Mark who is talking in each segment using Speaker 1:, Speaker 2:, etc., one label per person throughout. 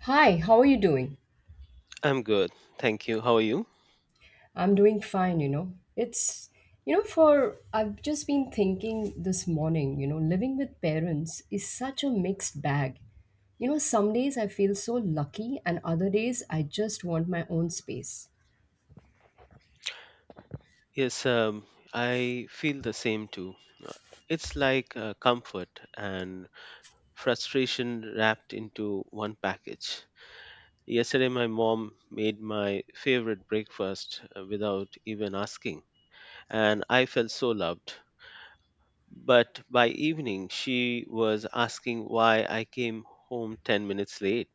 Speaker 1: Hi, how are you doing?
Speaker 2: I'm good. Thank you. How are you?
Speaker 1: I'm doing fine, It's, you know, for I've just been thinking this morning, living with parents is such a mixed bag. Some days I feel so lucky, and other days I just want my own space.
Speaker 2: Yes, I feel the same too. Uh, It's like comfort and frustration wrapped into one package. Yesterday, my mom made my favorite breakfast without even asking, and I felt so loved. But by evening, she was asking why I came home 10 minutes late.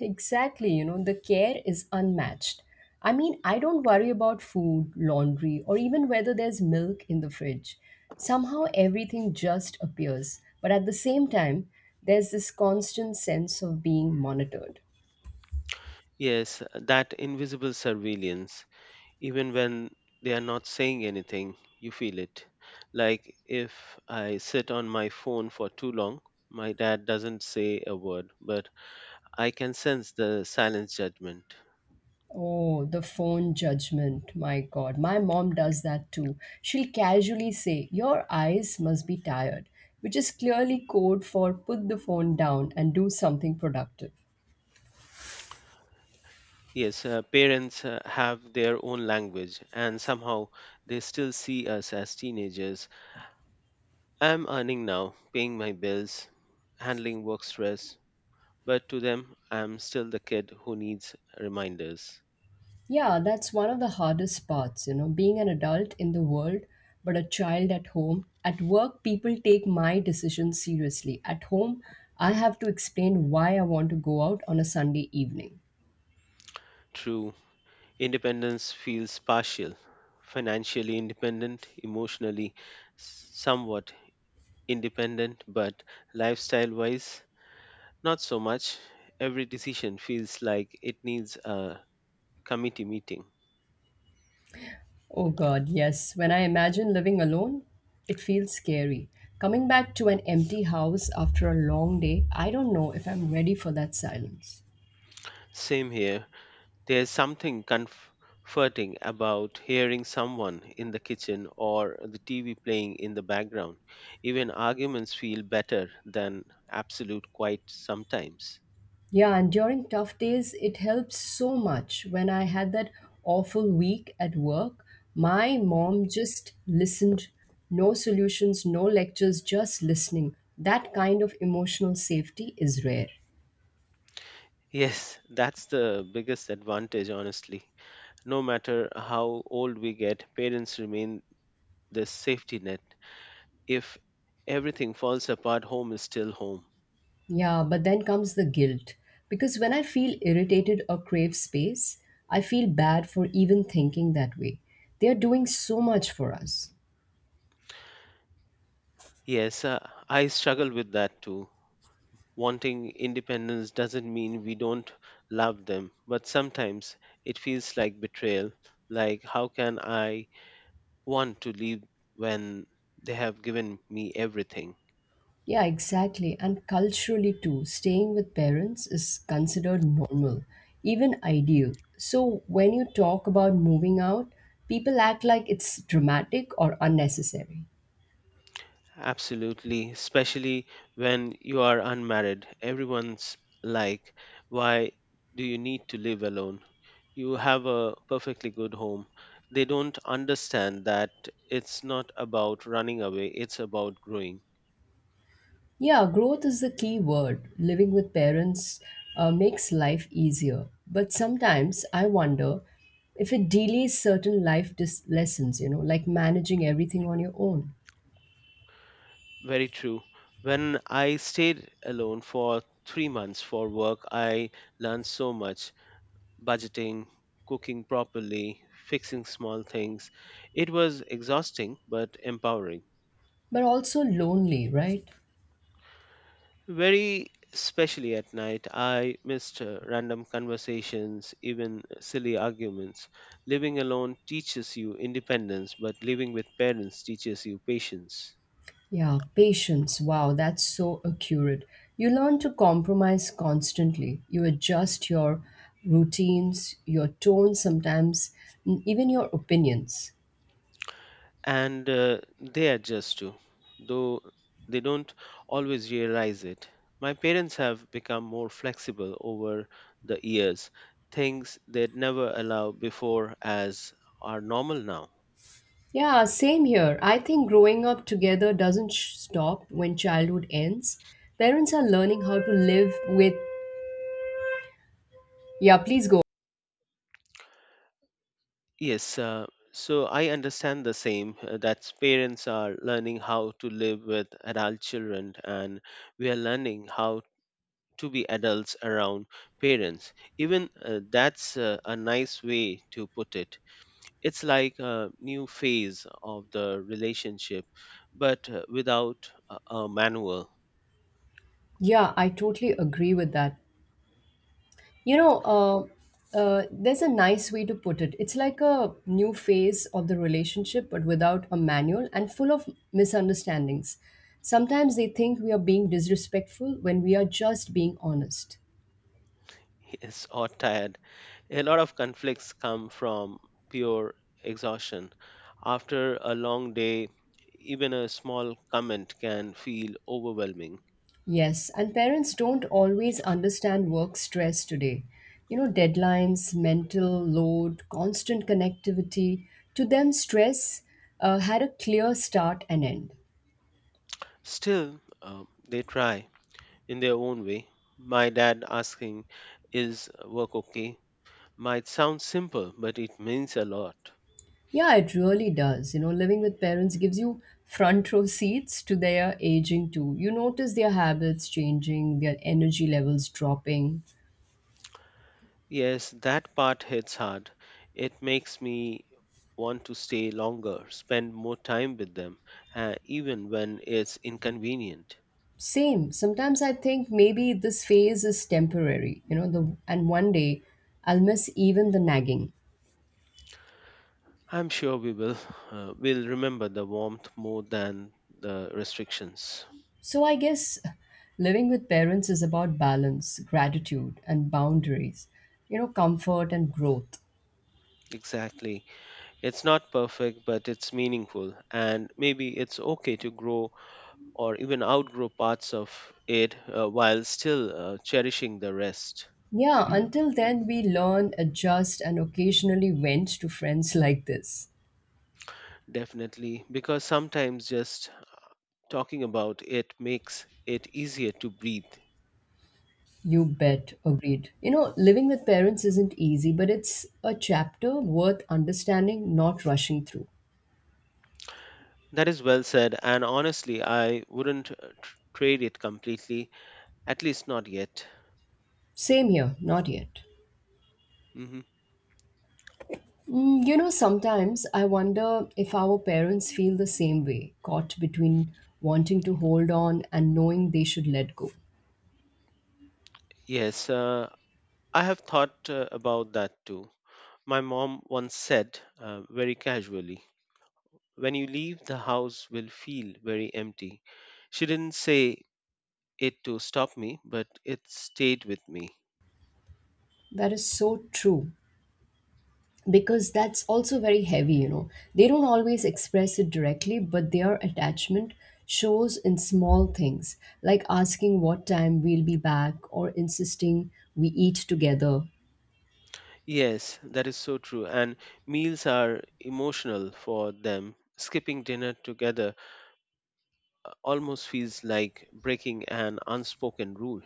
Speaker 1: Exactly, the care is unmatched. I mean, I don't worry about food, laundry, or even whether there's milk in the fridge. Somehow everything just appears. But at the same time, there's this constant sense of being monitored.
Speaker 2: Yes, that invisible surveillance, even when they are not saying anything, you feel it. Like if I sit on my phone for too long, my dad doesn't say a word, but I can sense the silence judgment.
Speaker 1: Oh, the phone judgment. My God, my mom does that too. She'll casually say, "Your eyes must be tired," which is clearly code for put the phone down and do something productive.
Speaker 2: Yes, parents have their own language, and somehow they still see us as teenagers. I'm earning now, paying my bills, handling work stress, but to them I'm still the kid who needs reminders.
Speaker 1: Yeah, that's one of the hardest parts, being an adult in the world, but a child at home. At work, people take my decisions seriously. At home, I have to explain why I want to go out on a Sunday evening.
Speaker 2: True. Independence feels partial, financially independent, emotionally somewhat independent, but lifestyle wise, not so much. Every decision feels like it needs a committee meeting.
Speaker 1: Oh God, yes. When I imagine living alone, it feels scary. Coming back to an empty house after a long day, I don't know if I'm ready for that silence.
Speaker 2: Same here. There's something comforting about hearing someone in the kitchen or the TV playing in the background. Even arguments feel better than absolute quiet sometimes.
Speaker 1: Yeah, and during tough days, it helps so much. When I had that awful week at work, my mom just listened. No solutions, no lectures, just listening. That kind of emotional safety is rare.
Speaker 2: Yes, that's the biggest advantage, honestly. No matter how old we get, parents remain the safety net. If everything falls apart, home is still home.
Speaker 1: Yeah, but then comes the guilt. Because when I feel irritated or crave space, I feel bad for even thinking that way. They are doing so much for us.
Speaker 2: Yes, I struggle with that too. Wanting independence doesn't mean we don't love them, but sometimes it feels like betrayal. Like, how can I want to leave when they have given me everything?
Speaker 1: Yeah, exactly. And culturally, too, staying with parents is considered normal, even ideal. So, when you talk about moving out, people act like it's dramatic or unnecessary.
Speaker 2: Absolutely, especially when you are unmarried. Everyone's like, why do you need to live alone? You have a perfectly good home. They don't understand that it's not about running away, it's about growing.
Speaker 1: Yeah, growth is the key word. Living with parents makes life easier. But sometimes I wonder if it delays certain lessons, like managing everything on your own,
Speaker 2: Very true. When I stayed alone for 3 months for work, I learned so much: budgeting, cooking properly, fixing small things. It was exhausting but empowering.
Speaker 1: but also lonely, right?
Speaker 2: Very, especially at night, I missed random conversations, even silly arguments. Living alone teaches you independence, but living with parents teaches you patience.
Speaker 1: Yeah, patience. Wow, that's so accurate. You learn to compromise constantly. You adjust your routines, your tone sometimes, and even your opinions.
Speaker 2: And they adjust too, though they don't always realize it. My parents have become more flexible over the years. Things they'd never allow before as are normal now.
Speaker 1: Yeah, same here. I think growing up together doesn't sh- stop when childhood ends. Parents are learning how to live with. Yeah, please go.
Speaker 2: Yes, so I understand the same that parents are learning how to live with adult children, and we are learning how to be adults around parents. Even that's a nice way to put it. It's like a new phase of the relationship, but without a manual.
Speaker 1: Yeah, I totally agree with that. There's a nice way to put it. It's like a new phase of the relationship, but without a manual and full of misunderstandings. Sometimes they think we are being disrespectful when we are just being honest.
Speaker 2: Yes, or tired. A lot of conflicts come from pure exhaustion. After a long day, even a small comment can feel overwhelming.
Speaker 1: Yes, and parents don't always understand work stress today. Deadlines, mental load, constant connectivity. To them, stress had a clear start and end.
Speaker 2: Still, they try in their own way. My dad asking, "Is work okay?" might sound simple, but it means a lot.
Speaker 1: Yeah, it really does. Living with parents gives you front row seats to their aging too. You notice their habits changing, their energy levels dropping.
Speaker 2: Yes, that part hits hard. It makes me want to stay longer, spend more time with them, even when it's inconvenient.
Speaker 1: Same. Sometimes I think maybe this phase is temporary, you know, the and one day I'll miss even the nagging.
Speaker 2: I'm sure we will remember the warmth more than the restrictions.
Speaker 1: So I guess living with parents is about balance, gratitude and boundaries, comfort and growth.
Speaker 2: Exactly. It's not perfect, but it's meaningful, and maybe it's okay to grow or even outgrow parts of it while still cherishing the rest.
Speaker 1: Yeah, until then we learn, adjust and occasionally vent to friends like this.
Speaker 2: Definitely, because sometimes just talking about it makes it easier to breathe.
Speaker 1: You bet, agreed. Living with parents isn't easy, but it's a chapter worth understanding, not rushing through.
Speaker 2: That is well said, and honestly, I wouldn't trade it completely, at least not yet.
Speaker 1: Same here, not yet.
Speaker 2: Hmm.
Speaker 1: Mm, sometimes I wonder if our parents feel the same way, caught between wanting to hold on and knowing they should let go.
Speaker 2: Yes, I have thought about that too. My mom once said, very casually, "When you leave, the house will feel very empty." She didn't say it to stop me, but it stayed with me.
Speaker 1: That is so true, because that's also very heavy. They don't always express it directly, but their attachment shows in small things like asking what time we'll be back or insisting we eat together.
Speaker 2: Yes, that is so true. And meals are emotional for them. Skipping dinner together almost feels like breaking an unspoken rule.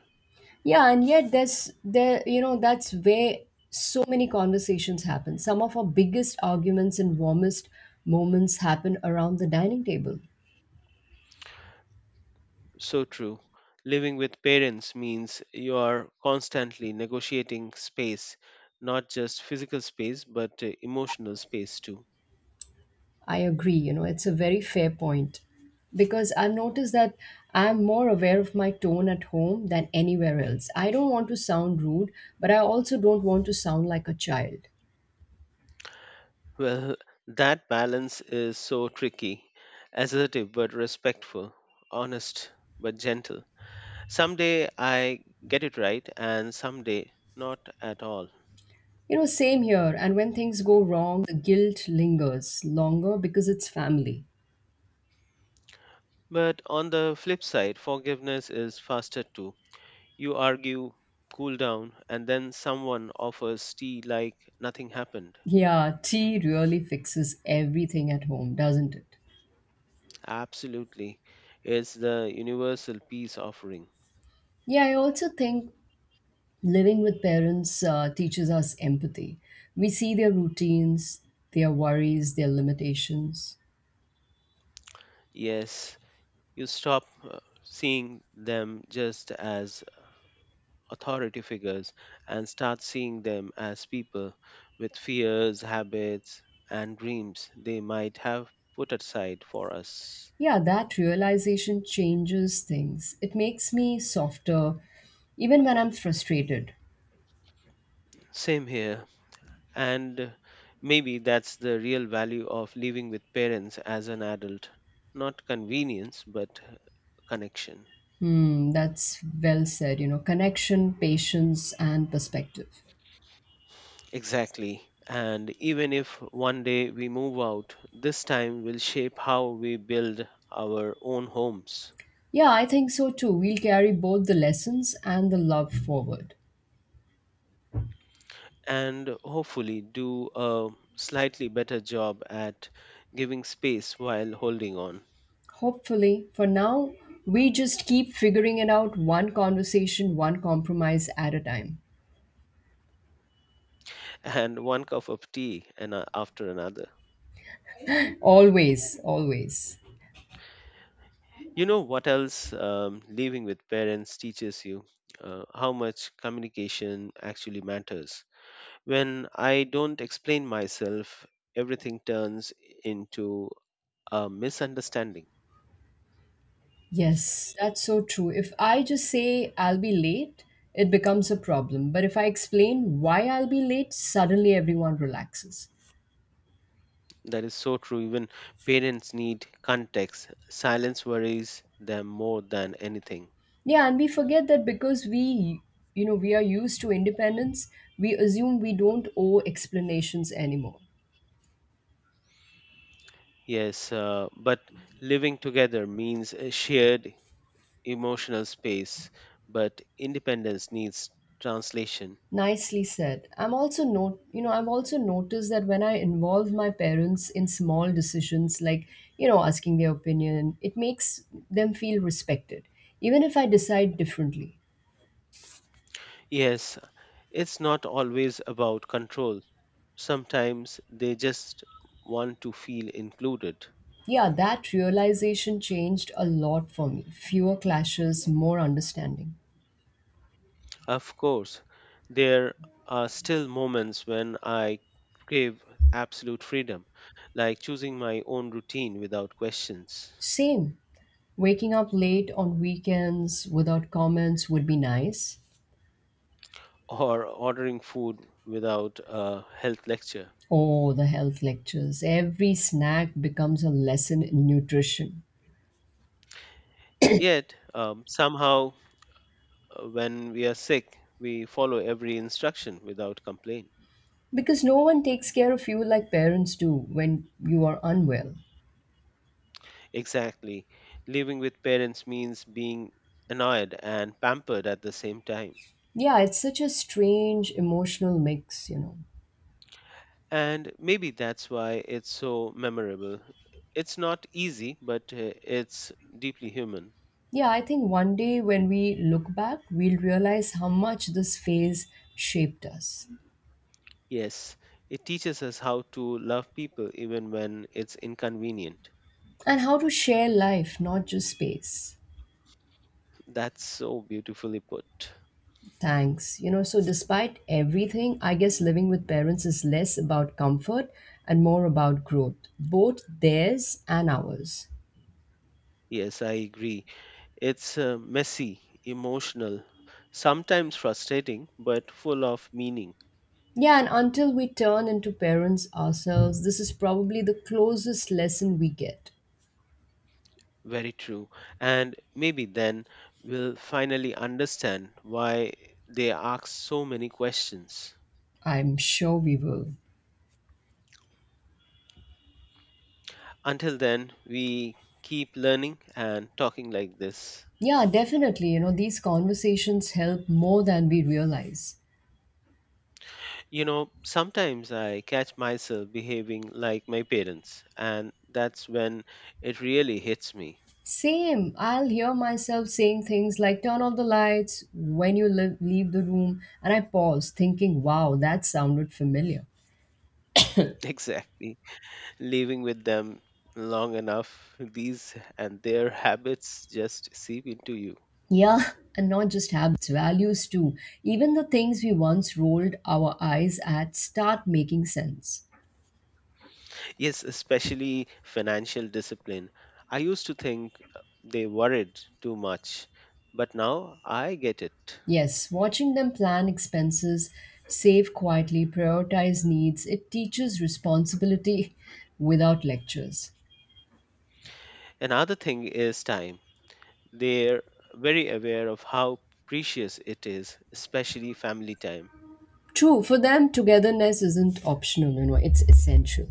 Speaker 1: Yeah and yet there's there you know that's where so many conversations happen some of our biggest arguments and warmest moments happen around the dining table
Speaker 2: So true. Living with parents means you are constantly negotiating space, not just physical space, but emotional space too.
Speaker 1: I agree. It's a very fair point because I've noticed that I'm more aware of my tone at home than anywhere else. I don't want to sound rude, but I also don't want to sound like a child.
Speaker 2: Well, that balance is so tricky, assertive but respectful, honest but gentle. Someday I get it right, and someday not at all.
Speaker 1: Same here. And when things go wrong, the guilt lingers longer because it's family.
Speaker 2: But on the flip side, forgiveness is faster too. You argue, cool down, and then someone offers tea like nothing happened.
Speaker 1: Yeah, tea really fixes everything at home, doesn't it?
Speaker 2: Absolutely. It's the universal peace offering.
Speaker 1: Yeah, I also think living with parents teaches us empathy. We see their routines, their worries, their limitations.
Speaker 2: Yes, you stop seeing them just as authority figures and start seeing them as people with fears, habits, and dreams they might have put aside for us.
Speaker 1: Yeah, that realization changes things. It makes me softer, even when I'm frustrated.
Speaker 2: Same here. And maybe that's the real value of living with parents as an adult, not convenience, but connection.
Speaker 1: Hmm, that's well said. Connection, patience, and perspective.
Speaker 2: Exactly. And even if one day we move out, this time will shape how we build our own homes.
Speaker 1: Yeah, I think so too. We'll carry both the lessons and the love forward.
Speaker 2: And hopefully do a slightly better job at giving space while holding on.
Speaker 1: Hopefully, for now, we just keep figuring it out one conversation, one compromise at a time.
Speaker 2: And one cup of tea and after another.
Speaker 1: Always, always.
Speaker 2: You know what else living with parents teaches you? How much communication actually matters. When I don't explain myself, everything turns into a misunderstanding.
Speaker 1: Yes, that's so true. If I just say I'll be late, it becomes a problem. But if I explain why I'll be late, suddenly everyone relaxes.
Speaker 2: That is so true. Even parents need context. Silence worries them more than anything.
Speaker 1: Yeah, and we forget that because we, we are used to independence, we assume we don't owe explanations anymore.
Speaker 2: Yes, but living together means a shared emotional space, but independence needs translation.
Speaker 1: Nicely said. I'm also not, I've also noticed that when I involve my parents in small decisions, like, asking their opinion, it makes them feel respected, even if I decide differently.
Speaker 2: Yes, it's not always about control. Sometimes they just want to feel included.
Speaker 1: Yeah, that realization changed a lot for me. Fewer clashes, more understanding.
Speaker 2: Of course, there are still moments when I crave absolute freedom, like choosing my own routine without questions,
Speaker 1: Same. Waking up late on weekends without comments would be nice.
Speaker 2: or ordering food without a health lecture.
Speaker 1: Oh, the health lectures. Every snack becomes a lesson in nutrition.
Speaker 2: Yet, somehow, when we are sick, we follow every instruction without complaint.
Speaker 1: Because no one takes care of you like parents do when you are unwell.
Speaker 2: Exactly. Living with parents means being annoyed and pampered at the same time.
Speaker 1: Yeah, it's such a strange emotional mix,
Speaker 2: And maybe that's why it's so memorable. It's not easy, but it's deeply human.
Speaker 1: Yeah, I think one day when we look back, we'll realize how much this phase shaped us.
Speaker 2: Yes, it teaches us how to love people even when it's inconvenient.
Speaker 1: And how to share life, not just space.
Speaker 2: That's so beautifully put.
Speaker 1: Thanks. So despite everything, I guess living with parents is less about comfort and more about growth, both theirs and ours.
Speaker 2: Yes, I agree. It's messy, emotional, sometimes frustrating, but full of meaning.
Speaker 1: Yeah, and until we turn into parents ourselves, this is probably the closest lesson we get.
Speaker 2: Very true. And maybe then we'll finally understand why they ask so many questions.
Speaker 1: I'm sure we will.
Speaker 2: Until then, we keep learning and talking like this.
Speaker 1: Yeah, definitely. These conversations help more than we realize.
Speaker 2: You know, sometimes I catch myself behaving like my parents, and that's when it really hits me.
Speaker 1: Same. I'll hear myself saying things like turn off the lights when you leave, leave the room, and I pause, thinking, wow, that sounded familiar.
Speaker 2: Exactly. Living with them long enough, these and their habits just seep into you.
Speaker 1: Yeah, and not just habits, values too. Even the things we once rolled our eyes at start making sense.
Speaker 2: Yes, especially financial discipline. I used to think they worried too much, but now I get it.
Speaker 1: Yes, watching them plan expenses, save quietly, prioritize needs, it teaches responsibility without lectures.
Speaker 2: Another thing is time. They're very aware of how precious it is, especially family time.
Speaker 1: True, for them, togetherness isn't optional, it's essential.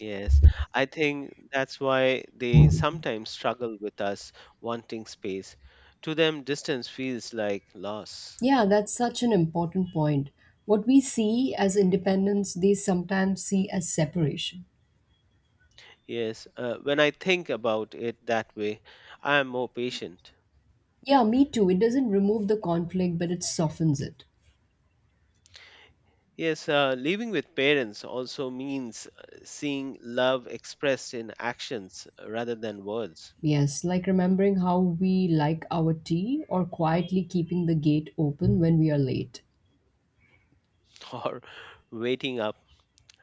Speaker 2: Yes, I think that's why they sometimes struggle with us wanting space. To them, distance feels like loss.
Speaker 1: Yeah, that's such an important point. What we see as independence, they sometimes see as separation.
Speaker 2: Yes, when I think about it that way, I am more patient.
Speaker 1: Yeah, me too. It doesn't remove the conflict, but it softens it.
Speaker 2: Yes, living with parents also means seeing love expressed in actions rather than words.
Speaker 1: Yes, like remembering how we like our tea or quietly keeping the gate open when we are late.
Speaker 2: Or waiting up,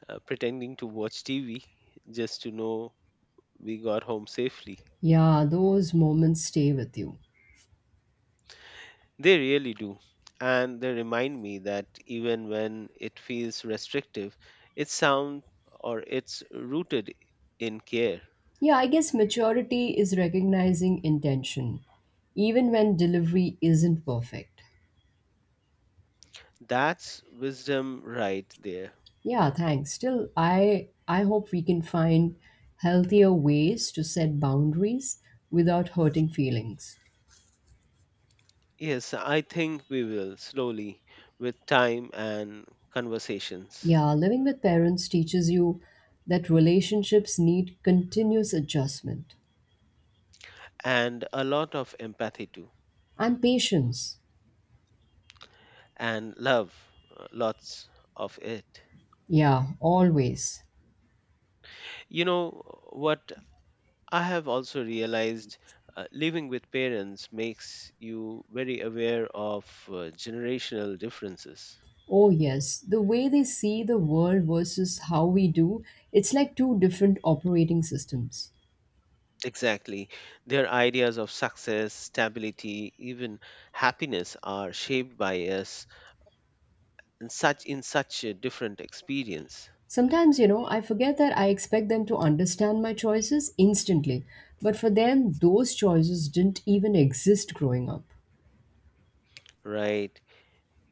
Speaker 2: pretending to watch TV just to know we got home safely.
Speaker 1: Yeah, those moments stay with you.
Speaker 2: They really do. And they remind me that even when it feels restrictive, it's sound or it's rooted in care.
Speaker 1: Yeah, I guess maturity is recognizing intention, even when delivery isn't perfect.
Speaker 2: That's wisdom right there.
Speaker 1: Yeah, thanks. Still, I hope we can find healthier ways to set boundaries without hurting feelings.
Speaker 2: Yes, I think we will slowly, with time and conversations,
Speaker 1: Yeah, living with parents teaches you that relationships need continuous adjustment
Speaker 2: and a lot of empathy too,
Speaker 1: and patience.
Speaker 2: and love, lots of it.
Speaker 1: Yeah, always.
Speaker 2: You know what I have also realized, living with parents makes you very aware of generational differences.
Speaker 1: Oh yes, the way they see the world versus how we do, it's like two different operating systems.
Speaker 2: Exactly. Their ideas of success, stability, even happiness are shaped by us and such in such a different experience.
Speaker 1: Sometimes, I forget that I expect them to understand my choices instantly, but for them, those choices didn't even exist growing up.
Speaker 2: Right.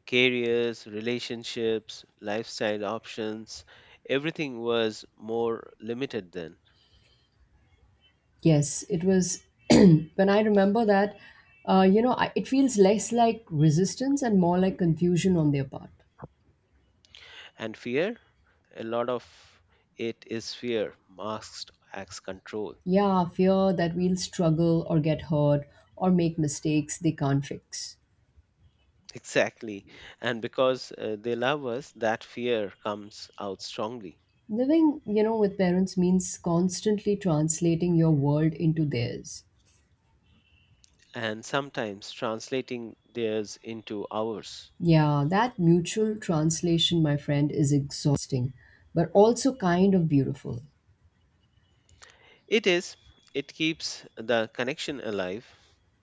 Speaker 2: Careers, relationships, lifestyle options, everything was more limited then.
Speaker 1: Yes, it was when I remember that, it feels less like resistance and more like confusion on their part.
Speaker 2: And fear, a lot of it is fear masked as control.
Speaker 1: Yeah, fear that we'll struggle or get hurt or make mistakes they can't fix.
Speaker 2: Exactly. And because they love us, that fear comes out strongly.
Speaker 1: Living, with parents means constantly translating your world into theirs.
Speaker 2: And sometimes translating theirs into ours.
Speaker 1: Yeah, that mutual translation, my friend, is exhausting, but also kind of beautiful.
Speaker 2: It is. It keeps the connection alive.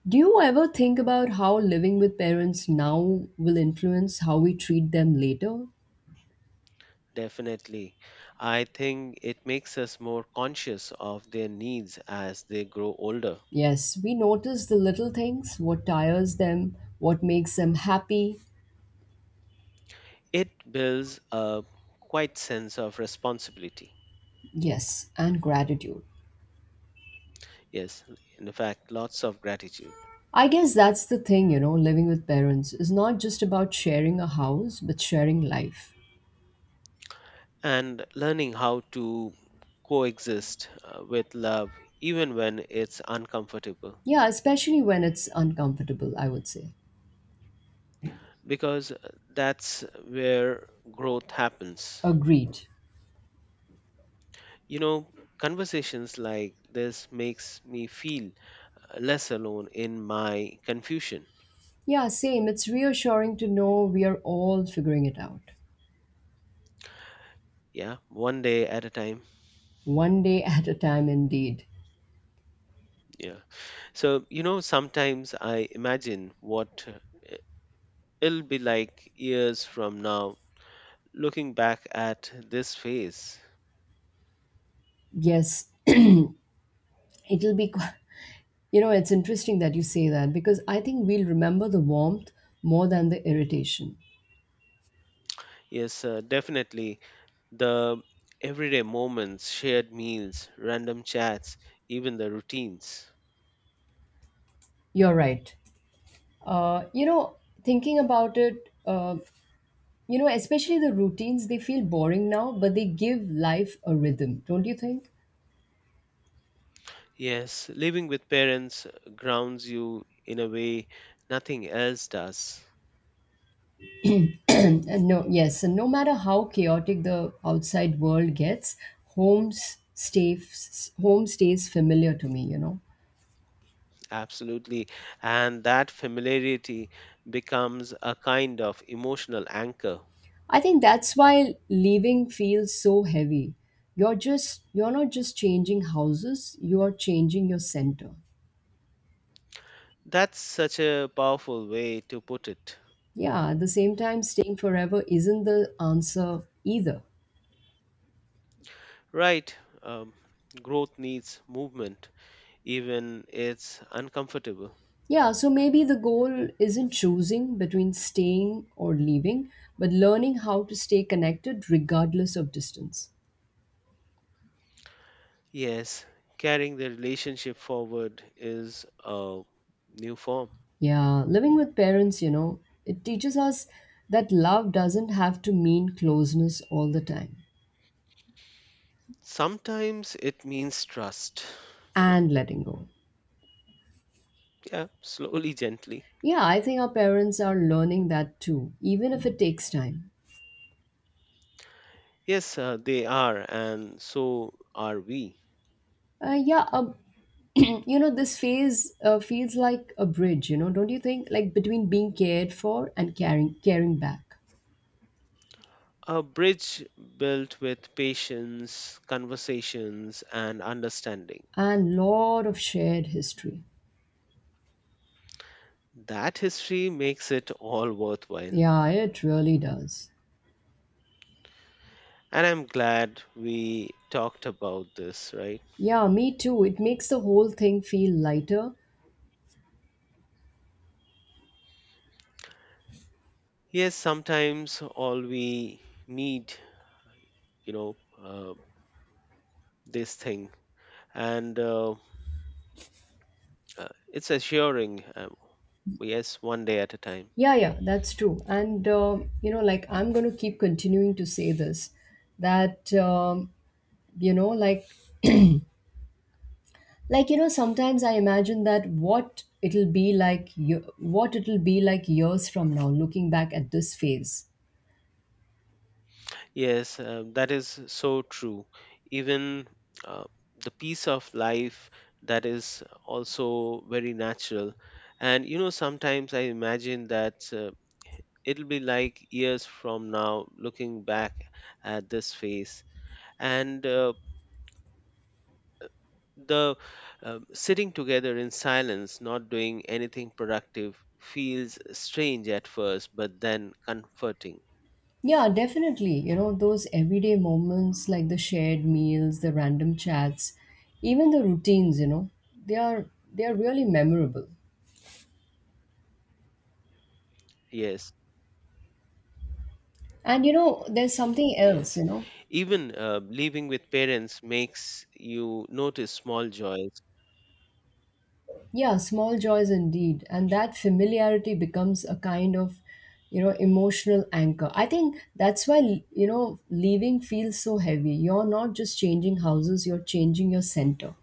Speaker 1: Do you ever think about how living with parents now will influence how we treat them later?
Speaker 2: Definitely. I think it makes us more conscious of their needs as they grow older.
Speaker 1: Yes, we notice the little things, what tires them, what makes them happy.
Speaker 2: It builds a quite sense of responsibility.
Speaker 1: Yes, and gratitude.
Speaker 2: Yes, in fact, lots of gratitude.
Speaker 1: I guess that's the thing, living with parents is not just about sharing a house, but sharing life.
Speaker 2: And learning how to coexist with love even when it's uncomfortable,
Speaker 1: Yeah, especially when it's uncomfortable, I would say.
Speaker 2: because that's where growth happens.
Speaker 1: Agreed.
Speaker 2: You know, conversations like this makes me feel less alone in my confusion.
Speaker 1: Yeah, same. It's reassuring to know we are all figuring it out,
Speaker 2: Yeah, one day at a time.
Speaker 1: one day at a time, indeed.
Speaker 2: Yeah, so you know, sometimes I imagine what it'll be like years from now, looking back at this phase.
Speaker 1: Yes, it'll be, qu- it's interesting that you say that because I think we'll remember the warmth more than the irritation.
Speaker 2: Yes, definitely the everyday moments, shared meals, random chats, even the routines.
Speaker 1: You're right. Uh, you know, thinking about it, especially the routines, they feel boring now, but they give life a rhythm, don't you think?
Speaker 2: Yes, living with parents grounds you in a way nothing else does.
Speaker 1: And no, yes, and no matter how chaotic the outside world gets, home stays familiar to me.
Speaker 2: Absolutely. And that familiarity becomes a kind of emotional anchor.
Speaker 1: I think that's why leaving feels so heavy. You're not just changing houses; you are changing your center.
Speaker 2: That's such a powerful way to put it.
Speaker 1: Yeah, at the same time, staying forever isn't the answer either.
Speaker 2: Right. Um, Growth needs movement, even it's uncomfortable.
Speaker 1: Yeah, so maybe the goal isn't choosing between staying or leaving, but learning how to stay connected regardless of distance.
Speaker 2: Yes, carrying the relationship forward is a new form.
Speaker 1: Yeah, living with parents, it teaches us that love doesn't have to mean closeness all the time,
Speaker 2: Sometimes it means trust.
Speaker 1: and letting go.
Speaker 2: Yeah, slowly, gently.
Speaker 1: Yeah, I think our parents are learning that too, even if it takes time.
Speaker 2: Yes, they are, and so are we.
Speaker 1: Uh, yeah, um, this phase feels like a bridge, don't you think? Like between being cared for and caring, caring back,
Speaker 2: A bridge built with patience, conversations, and understanding.
Speaker 1: and lot of shared history.
Speaker 2: That history makes it all worthwhile.
Speaker 1: Yeah, it really does.
Speaker 2: And I'm glad we talked about this, right?
Speaker 1: Yeah, me too. It makes the whole thing feel lighter.
Speaker 2: Yes, sometimes all we need, you know, uh, this thing. And uh, it's assuring. Yes, one day at a time.
Speaker 1: Yeah, yeah, that's true. And, like I'm going to keep continuing to say this that, you know, like, sometimes I imagine that what it'll be like, what it'll be like years from now, looking back at this phase.
Speaker 2: Yes, that is so true. Even uh, the piece of life that is also very natural. And you know, sometimes I imagine that it'll be like years from now, looking back at this phase, and the sitting together in silence, not doing anything productive, feels strange at first, but then comforting.
Speaker 1: Yeah, definitely. Those everyday moments like the shared meals, the random chats, even the routines, they are, they are really memorable.
Speaker 2: Yes.
Speaker 1: And, there's something else,
Speaker 2: Yes. Even living with parents makes you notice small joys.
Speaker 1: yeah, small joys indeed. And that familiarity becomes a kind of, emotional anchor. I think that's why, leaving feels so heavy. You're not just changing houses, you're changing your center.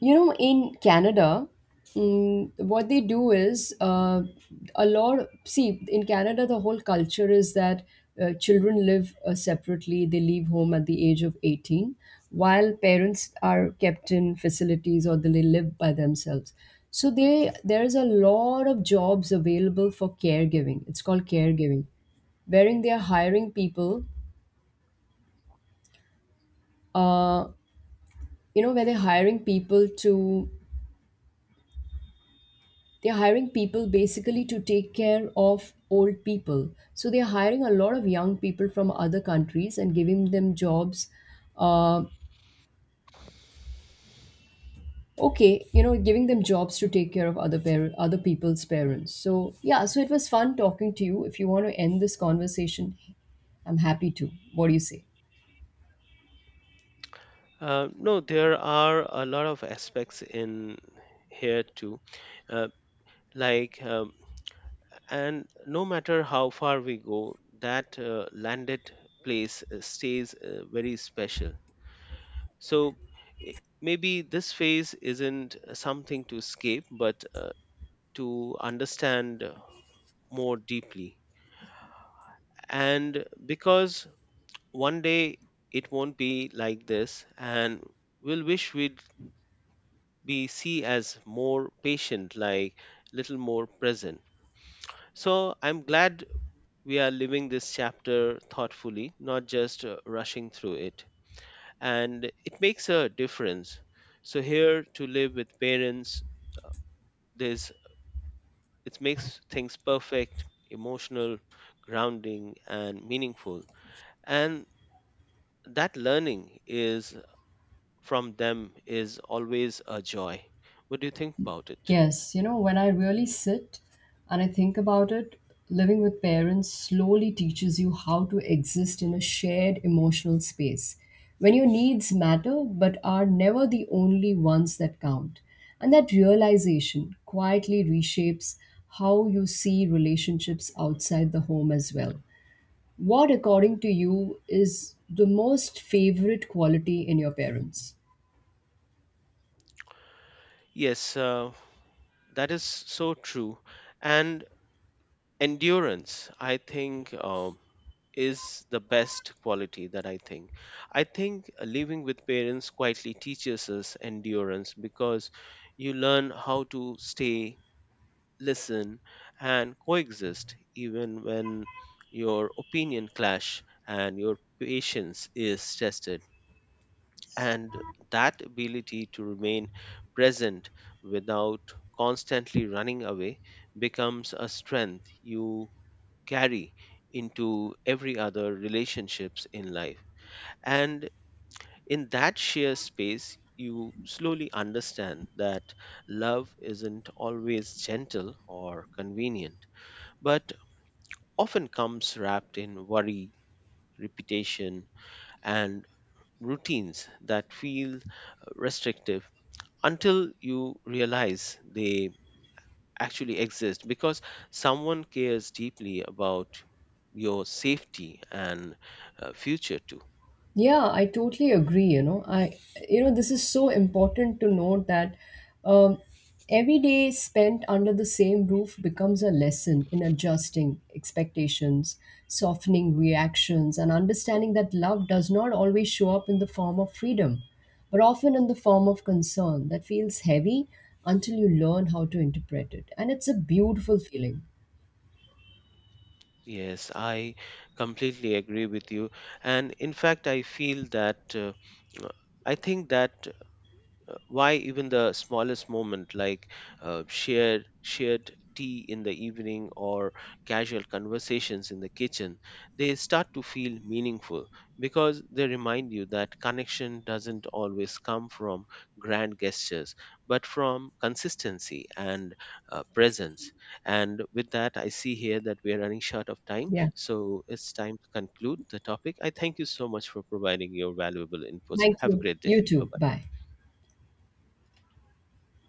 Speaker 1: In Canada, mm, what they do is a lot. See, in Canada, the whole culture is that children live separately. They leave home at the age of 18, while parents are kept in facilities or they live by themselves. So they there's a lot of jobs available for caregiving. It's called caregiving wherein they are hiring people, uh, where they're hiring people basically to take care of old people. So they're hiring a lot of young people from other countries and giving them jobs. Uh, giving them jobs to take care of other people's parents. So yeah, so it was fun talking to you. If you want to end this conversation, I'm happy to. What do you say?
Speaker 2: No, there are a lot of aspects in here too. Uh, like, and no matter how far we go, that landed place stays very special. So maybe this phase isn't something to escape, but to understand more deeply. And because one day it won't be like this, and we'll wish we'd be see as more patient, like little more present. So I'm glad we are living this chapter thoughtfully, not just rushing through it. And it makes a difference. So here to live with parents, there's it makes things perfect, emotional, grounding, and meaningful. And that learning is from them is always a joy. What do you think about it?
Speaker 1: Yes, when I really sit and I think about it, living with parents slowly teaches you how to exist in a shared emotional space when your needs matter but are never the only ones that count. And that realization quietly reshapes how you see relationships outside the home as well. What, according to you, is the most favorite quality in your parents?
Speaker 2: Yes, that is so true. And endurance, I think, is the best quality that I think. I think living with parents quietly teaches us endurance because you learn how to stay, listen, and coexist even when your opinion clash and your patience is tested. And that ability to remain present without constantly running away becomes a strength you carry into every other relationships in life. And in that sheer space, you slowly understand that love isn't always gentle or convenient, but often comes wrapped in worry, repetition, and routines that feel restrictive until you realize they actually exist because someone cares deeply about your safety and future too.
Speaker 1: Yeah, I totally agree. This is so important to note that um, every day spent under the same roof becomes a lesson in adjusting expectations, softening reactions, and understanding that love does not always show up in the form of freedom, but often in the form of concern that feels heavy until you learn how to interpret it. And it's a beautiful feeling.
Speaker 2: Yes, I completely agree with you. And in fact, I feel that I think that why even the smallest moment, like shared tea in the evening or casual conversations in the kitchen, they start to feel meaningful because they remind you that connection doesn't always come from grand gestures but from consistency and presence. And with that I see here that we are running short of time,
Speaker 1: Yeah.
Speaker 2: so it's time to conclude the topic. I thank you so much for providing your valuable inputs.
Speaker 1: Thank
Speaker 2: Have a
Speaker 1: you.
Speaker 2: great day.
Speaker 1: You
Speaker 2: Bye
Speaker 1: too.
Speaker 2: bye.
Speaker 1: Bye.